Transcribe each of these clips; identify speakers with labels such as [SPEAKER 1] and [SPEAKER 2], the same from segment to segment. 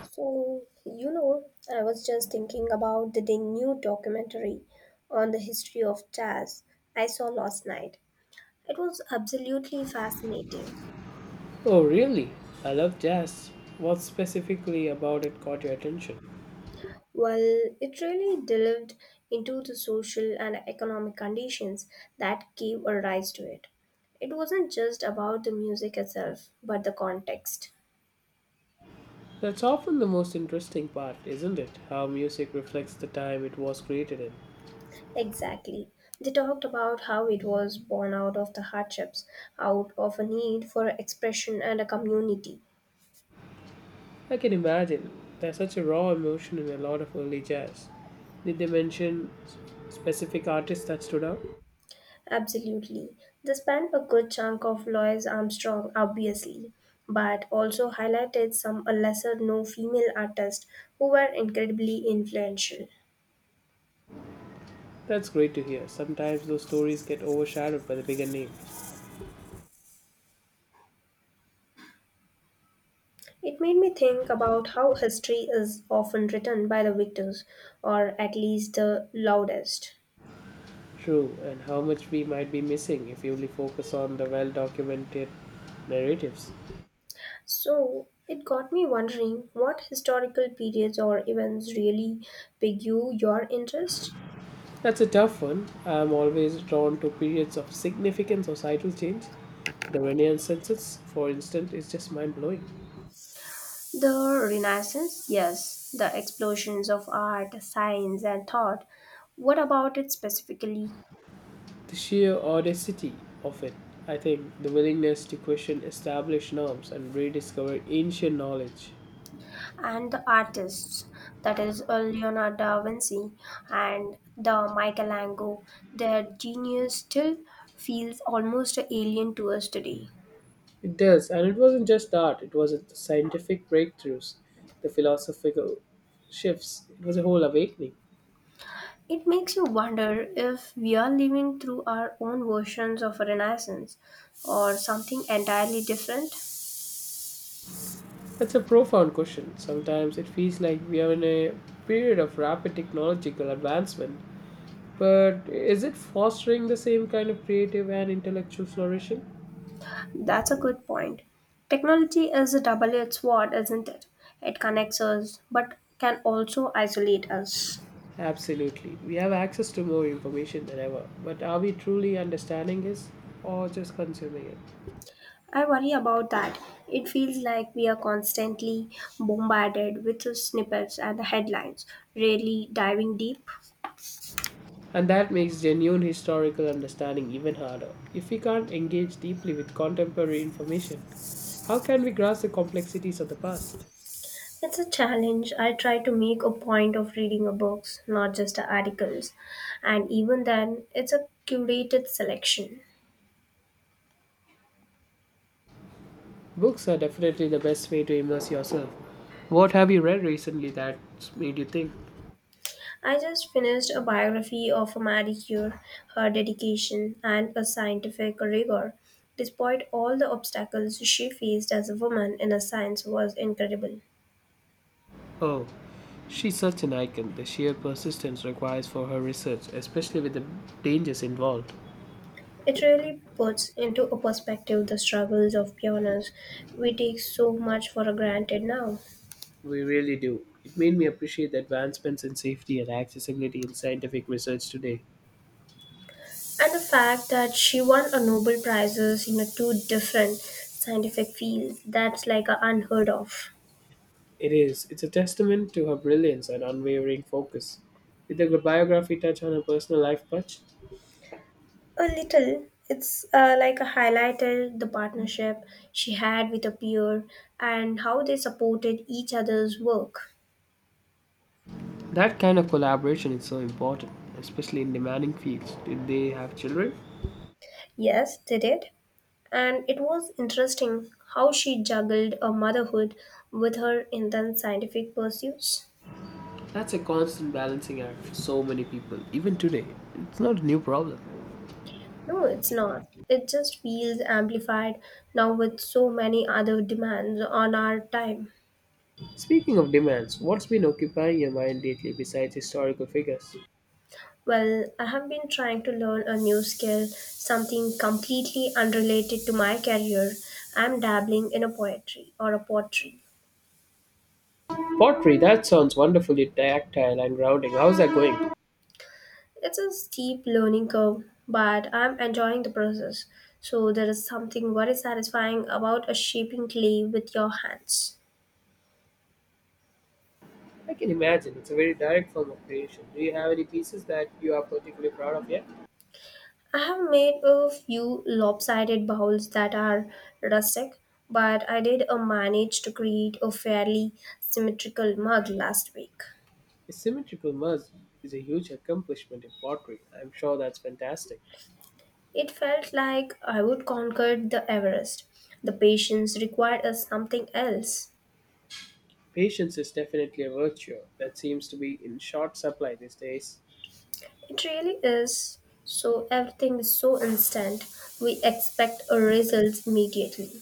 [SPEAKER 1] So, you know, I was just thinking about the new documentary on the history of jazz I saw last night. It was absolutely fascinating.
[SPEAKER 2] Oh, really? I love jazz. What specifically about it caught your attention?
[SPEAKER 1] Well, it really delved into the social and economic conditions that gave a rise to it. It wasn't just about the music itself, but the context.
[SPEAKER 2] That's often the most interesting part, isn't it? How music reflects the time it was created in.
[SPEAKER 1] Exactly. They talked about how it was born out of the hardships, out of a need for expression and a community.
[SPEAKER 2] I can imagine. There's such a raw emotion in a lot of early jazz. Did they mention specific artists that stood out?
[SPEAKER 1] Absolutely. They spent a good chunk of Louis Armstrong, obviously, but also highlighted some lesser known female artists who were incredibly influential.
[SPEAKER 2] That's great to hear. Sometimes those stories get overshadowed by the bigger name.
[SPEAKER 1] It made me think about how history is often written by the victors, or at least the loudest.
[SPEAKER 2] True, and how much we might be missing if we only focus on the well documented narratives.
[SPEAKER 1] So it got me wondering what historical periods or events really pique your interest?
[SPEAKER 2] That's a tough one. I'm always drawn to periods of significant societal change. The Renaissance, for instance, is just mind blowing.
[SPEAKER 1] The Renaissance, yes, the explosions of art, science, and thought. What about it specifically?
[SPEAKER 2] The sheer audacity of it, I think, the willingness to question established norms and rediscover ancient knowledge.
[SPEAKER 1] And the artists, that is Leonardo da Vinci and the Michelangelo, their genius still feels almost alien to us today.
[SPEAKER 2] It does, and it wasn't just art, it was the scientific breakthroughs, the philosophical shifts, it was a whole awakening.
[SPEAKER 1] It makes you wonder if we are living through our own versions of a Renaissance or something entirely different.
[SPEAKER 2] That's a profound question. Sometimes it feels like we are in a period of rapid technological advancement. But is it fostering the same kind of creative and intellectual flourishing?
[SPEAKER 1] That's a good point. Technology is a double edged sword, isn't it? It connects us, but can also isolate us.
[SPEAKER 2] Absolutely. We have access to more information than ever, but are we truly understanding it or just consuming it?
[SPEAKER 1] I worry about that. It feels like we are constantly bombarded with the snippets and the headlines, rarely diving deep.
[SPEAKER 2] And that makes genuine historical understanding even harder. If we can't engage deeply with contemporary information, how can we grasp the complexities of the past?
[SPEAKER 1] It's a challenge. I try to make a point of reading a books, not just the articles. And even then, it's a curated selection.
[SPEAKER 2] Books are definitely the best way to immerse yourself. What have you read recently that's made you think?
[SPEAKER 1] I just finished a biography of Marie Curie, her dedication, and a scientific rigor. Despite all the obstacles she faced as a woman in a science was incredible.
[SPEAKER 2] Oh, she's such an icon. The sheer persistence requires for her research, especially with the dangers involved.
[SPEAKER 1] It really puts into a perspective the struggles of pioneers. We take so much for granted now.
[SPEAKER 2] We really do. It made me appreciate the advancements in safety and accessibility in scientific research today.
[SPEAKER 1] And the fact that she won a Nobel Prizes in a two different scientific fields, that's like a unheard of.
[SPEAKER 2] It is. It's a testament to her brilliance and unwavering focus. Did the biography touch on her personal life much?
[SPEAKER 1] A little. It's like a highlighted the partnership she had with a peer and how they supported each other's work.
[SPEAKER 2] That kind of collaboration is so important, especially in demanding fields. Did they have children?
[SPEAKER 1] Yes, they did. And it was interesting how she juggled a motherhood with her intense scientific pursuits.
[SPEAKER 2] That's a constant balancing act for so many people, even today. It's not a new problem.
[SPEAKER 1] No, it's not. It just feels amplified now with so many other demands on our time.
[SPEAKER 2] Speaking of demands, what's been occupying your mind lately besides historical figures?
[SPEAKER 1] Well, I have been trying to learn a new skill, something completely unrelated to my career. I'm dabbling in a poetry or a pottery.
[SPEAKER 2] Pottery, that sounds wonderfully tactile and grounding. How's that going?
[SPEAKER 1] It's a steep learning curve, but I'm enjoying the process. So there is something very satisfying about a shaping clay with your hands.
[SPEAKER 2] I can imagine. It's a very direct form of creation. Do you have any pieces that you are particularly proud of yet?
[SPEAKER 1] I have made a few lopsided bowls that are rustic, but I did manage to create a fairly symmetrical mug last week.
[SPEAKER 2] A symmetrical muzz is a huge accomplishment in pottery. I'm sure that's fantastic.
[SPEAKER 1] It felt like I would conquer the Everest. The patience required us something else.
[SPEAKER 2] Patience is definitely a virtue that seems to be in short supply these days.
[SPEAKER 1] It really is. So everything is so instant. We expect a result immediately.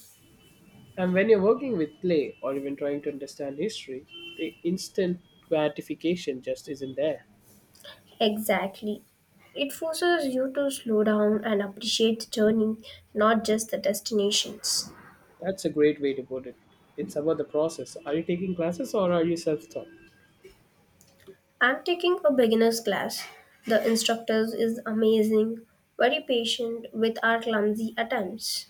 [SPEAKER 2] And when you're working with clay or even trying to understand history, the instant gratification just isn't there.
[SPEAKER 1] Exactly. It forces you to slow down and appreciate the journey, not just the destinations.
[SPEAKER 2] That's a great way to put it. It's about the process. Are you taking classes or are you self taught?
[SPEAKER 1] I'm taking a beginner's class. The instructor is amazing, very patient with our clumsy attempts.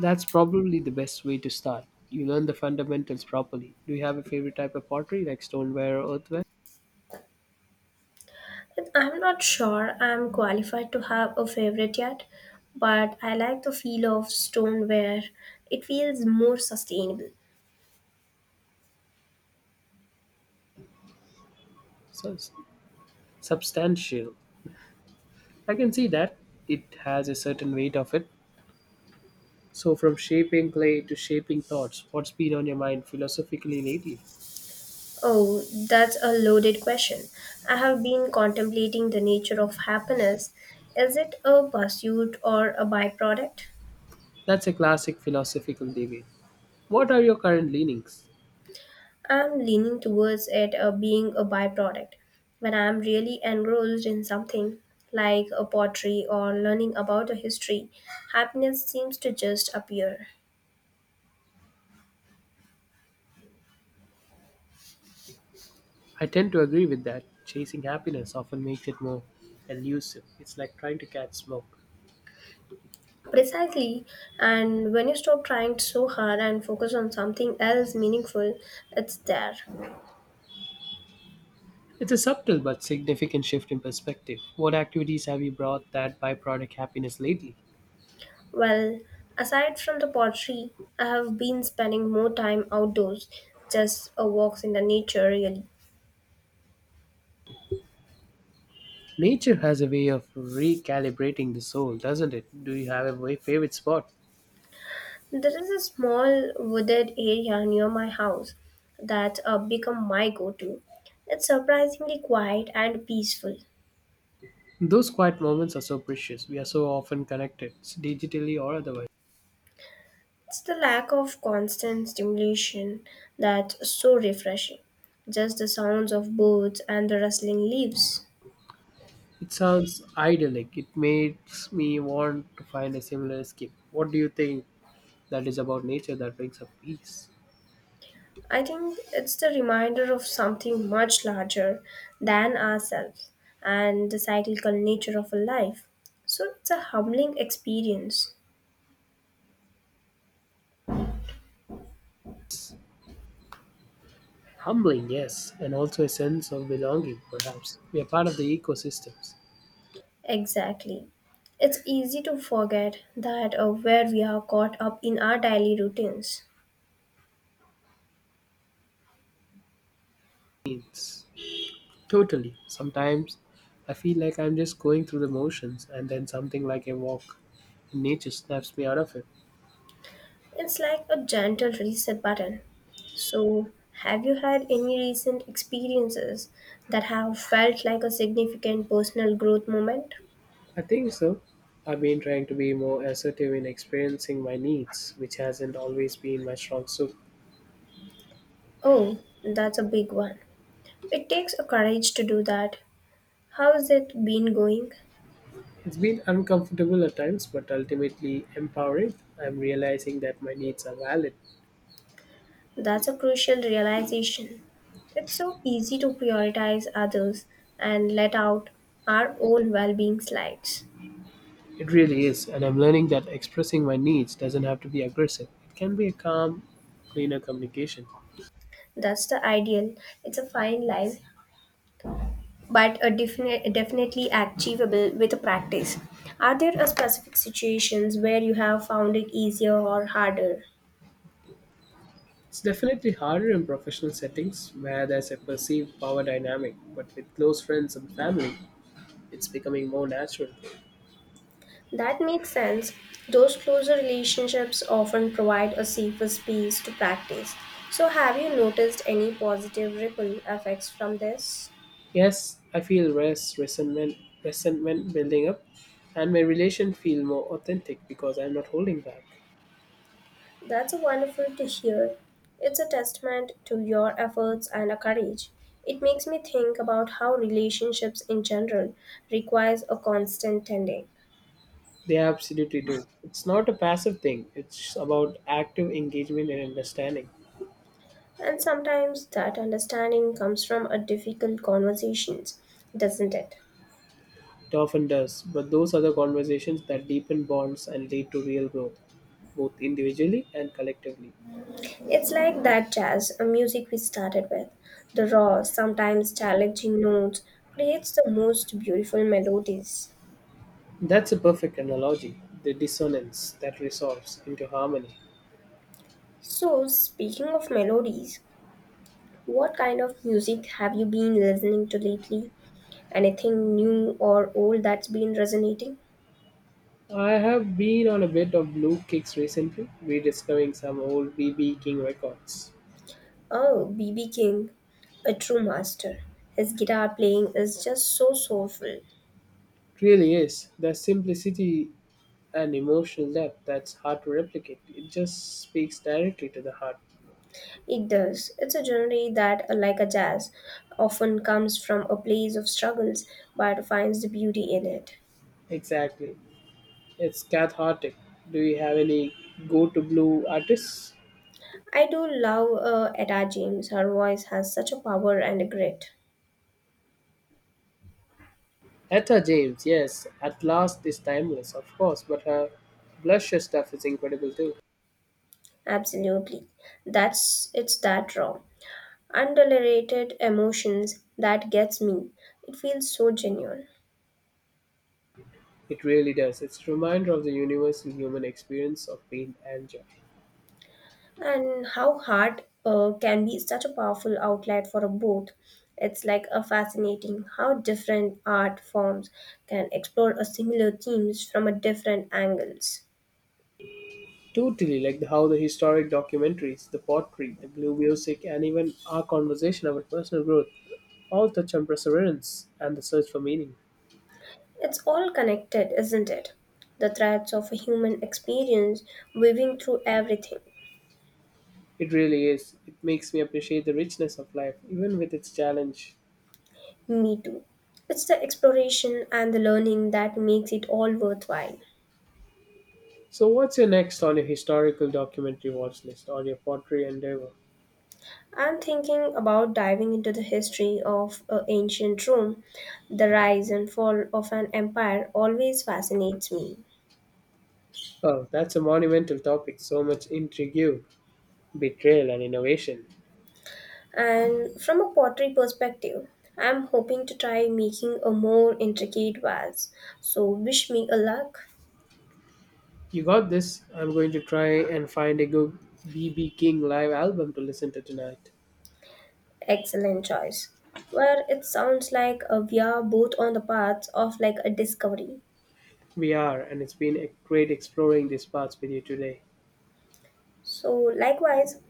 [SPEAKER 2] That's probably the best way to start. You learn the fundamentals properly. Do you have a favorite type of pottery, like stoneware or earthenware?
[SPEAKER 1] I'm not sure I'm qualified to have a favorite yet, but I like the feel of stoneware. It feels more sustainable.
[SPEAKER 2] So, substantial. I can see that. It has a certain weight of it. So, from shaping clay to shaping thoughts, what's been on your mind philosophically lately?
[SPEAKER 1] Oh, that's a loaded question. I have been contemplating the nature of happiness. Is it a pursuit or a byproduct?
[SPEAKER 2] That's a classic philosophical debate. What are your current leanings?
[SPEAKER 1] I'm leaning towards it being a byproduct. When I'm really engrossed in something, like a pottery or learning about a history, happiness seems to just appear.
[SPEAKER 2] I tend to agree with that. Chasing happiness often makes it more elusive. It's like trying to catch smoke.
[SPEAKER 1] Precisely, and when you stop trying so hard and focus on something else meaningful, it's there.
[SPEAKER 2] It's a subtle but significant shift in perspective. What activities have you brought that byproduct happiness lately?
[SPEAKER 1] Well, aside from the pottery, I have been spending more time outdoors, just a walks in the nature really.
[SPEAKER 2] Nature has a way of recalibrating the soul, doesn't it? Do you have a favorite spot?
[SPEAKER 1] There is a small wooded area near my house that become my go-to. It's surprisingly quiet and peaceful.
[SPEAKER 2] Those quiet moments are so precious. We are so often connected, digitally or otherwise.
[SPEAKER 1] It's the lack of constant stimulation that's so refreshing. Just the sounds of birds and the rustling leaves.
[SPEAKER 2] It sounds idyllic. It makes me want to find a similar escape. What do you think that is about nature that brings up peace?
[SPEAKER 1] I think it's the reminder of something much larger than ourselves and the cyclical nature of a life. So it's a humbling experience.
[SPEAKER 2] Humbling, yes, and also a sense of belonging, perhaps. We are part of the ecosystems.
[SPEAKER 1] Exactly. It's easy to forget that where we are caught up in our daily routines.
[SPEAKER 2] Means totally. Sometimes I feel like I'm just going through the motions, and then something like a walk in nature snaps me out of it.
[SPEAKER 1] It's like a gentle reset button. So, have you had any recent experiences that have felt like a significant personal growth moment?
[SPEAKER 2] I think so. I've been trying to be more assertive in experiencing my needs, which hasn't always been my strong suit.
[SPEAKER 1] Oh, that's a big one. It takes a courage to do that. How's it been going?
[SPEAKER 2] It's been uncomfortable at times, but ultimately empowering. I'm realizing that my needs are valid.
[SPEAKER 1] That's a crucial realization. It's so easy to prioritize others and let out our own well being slides.
[SPEAKER 2] It really is, and I'm learning that expressing my needs doesn't have to be aggressive. It can be a calm, cleaner communication.
[SPEAKER 1] That's the ideal. It's a fine line, but a definitely achievable with a practice. Are there a specific situations where you have found it easier or harder?
[SPEAKER 2] It's definitely harder in professional settings where there's a perceived power dynamic, but with close friends and family, it's becoming more natural.
[SPEAKER 1] That makes sense. Those closer relationships often provide a safer space to practice. So, have you noticed any positive ripple effects from this?
[SPEAKER 2] Yes, I feel resentment, resentment building up, and my relation feel more authentic because I'm not holding back.
[SPEAKER 1] That's wonderful to hear. It's a testament to your efforts and a courage. It makes me think about how relationships in general requires a constant tending.
[SPEAKER 2] They absolutely do. It's not a passive thing. It's about active engagement and understanding.
[SPEAKER 1] And sometimes that understanding comes from a difficult conversations, doesn't it?
[SPEAKER 2] It often does, but those are the conversations that deepen bonds and lead to real growth, both individually and collectively.
[SPEAKER 1] It's like that jazz a music we started with. The raw, sometimes challenging notes creates the most beautiful melodies.
[SPEAKER 2] That's a perfect analogy the dissonance that resolves into harmony.
[SPEAKER 1] So, speaking of melodies, what kind of music have you been listening to lately? Anything new or old that's been resonating?
[SPEAKER 2] I have been on a bit of blue kicks recently, rediscovering some old BB King records.
[SPEAKER 1] Oh, BB King, a true master. His guitar playing is just so soulful.
[SPEAKER 2] It really is. The simplicity and emotional depth that's hard to replicate. It just speaks directly to the heart.
[SPEAKER 1] It does. It's a genre that, like a jazz, often comes from a place of struggles but finds the beauty in it.
[SPEAKER 2] Exactly. It's cathartic. Do you have any go to blue artists?
[SPEAKER 1] I do love Etta James. Her voice has such a power and a grit.
[SPEAKER 2] Etta James, yes, At Last is timeless, of course, but her blusher stuff is incredible too.
[SPEAKER 1] Absolutely. That's it's that raw. Underrated emotions that gets me. It feels so genuine.
[SPEAKER 2] It really does. It's a reminder of the universal human experience of pain and joy.
[SPEAKER 1] And how art can be such a powerful outlet for a both. It's like a fascinating how different art forms can explore a similar themes from a different angles.
[SPEAKER 2] Totally, how the historic documentaries, the pottery, the blue music, and even our conversation about personal growth all touch on perseverance and the search for meaning.
[SPEAKER 1] It's all connected, isn't it? The threads of a human experience weaving through everything.
[SPEAKER 2] It really is. It makes me appreciate the richness of life, even with its challenge.
[SPEAKER 1] Me too. It's the exploration and the learning that makes it all worthwhile.
[SPEAKER 2] So, what's your next on your historical documentary watch list or your pottery endeavor?
[SPEAKER 1] I'm thinking about diving into the history of ancient Rome. The rise and fall of an empire always fascinates me.
[SPEAKER 2] Oh, that's a monumental topic. So much intrigue, betrayal, and innovation.
[SPEAKER 1] And from a pottery perspective, I'm hoping to try making a more intricate vase. So, wish me a luck.
[SPEAKER 2] You got this. I'm going to try and find a good BB King live album to listen to tonight.
[SPEAKER 1] Excellent choice. Well, it sounds like we are both on the path of like a discovery.
[SPEAKER 2] We are, and it's been a great exploring these parts with you today.
[SPEAKER 1] So, likewise,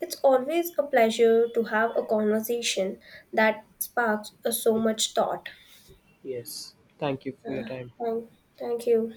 [SPEAKER 1] it's always a pleasure to have a conversation that sparks so much thought.
[SPEAKER 2] Yes. Thank you for your
[SPEAKER 1] Uh,
[SPEAKER 2] time.
[SPEAKER 1] thank, thank you.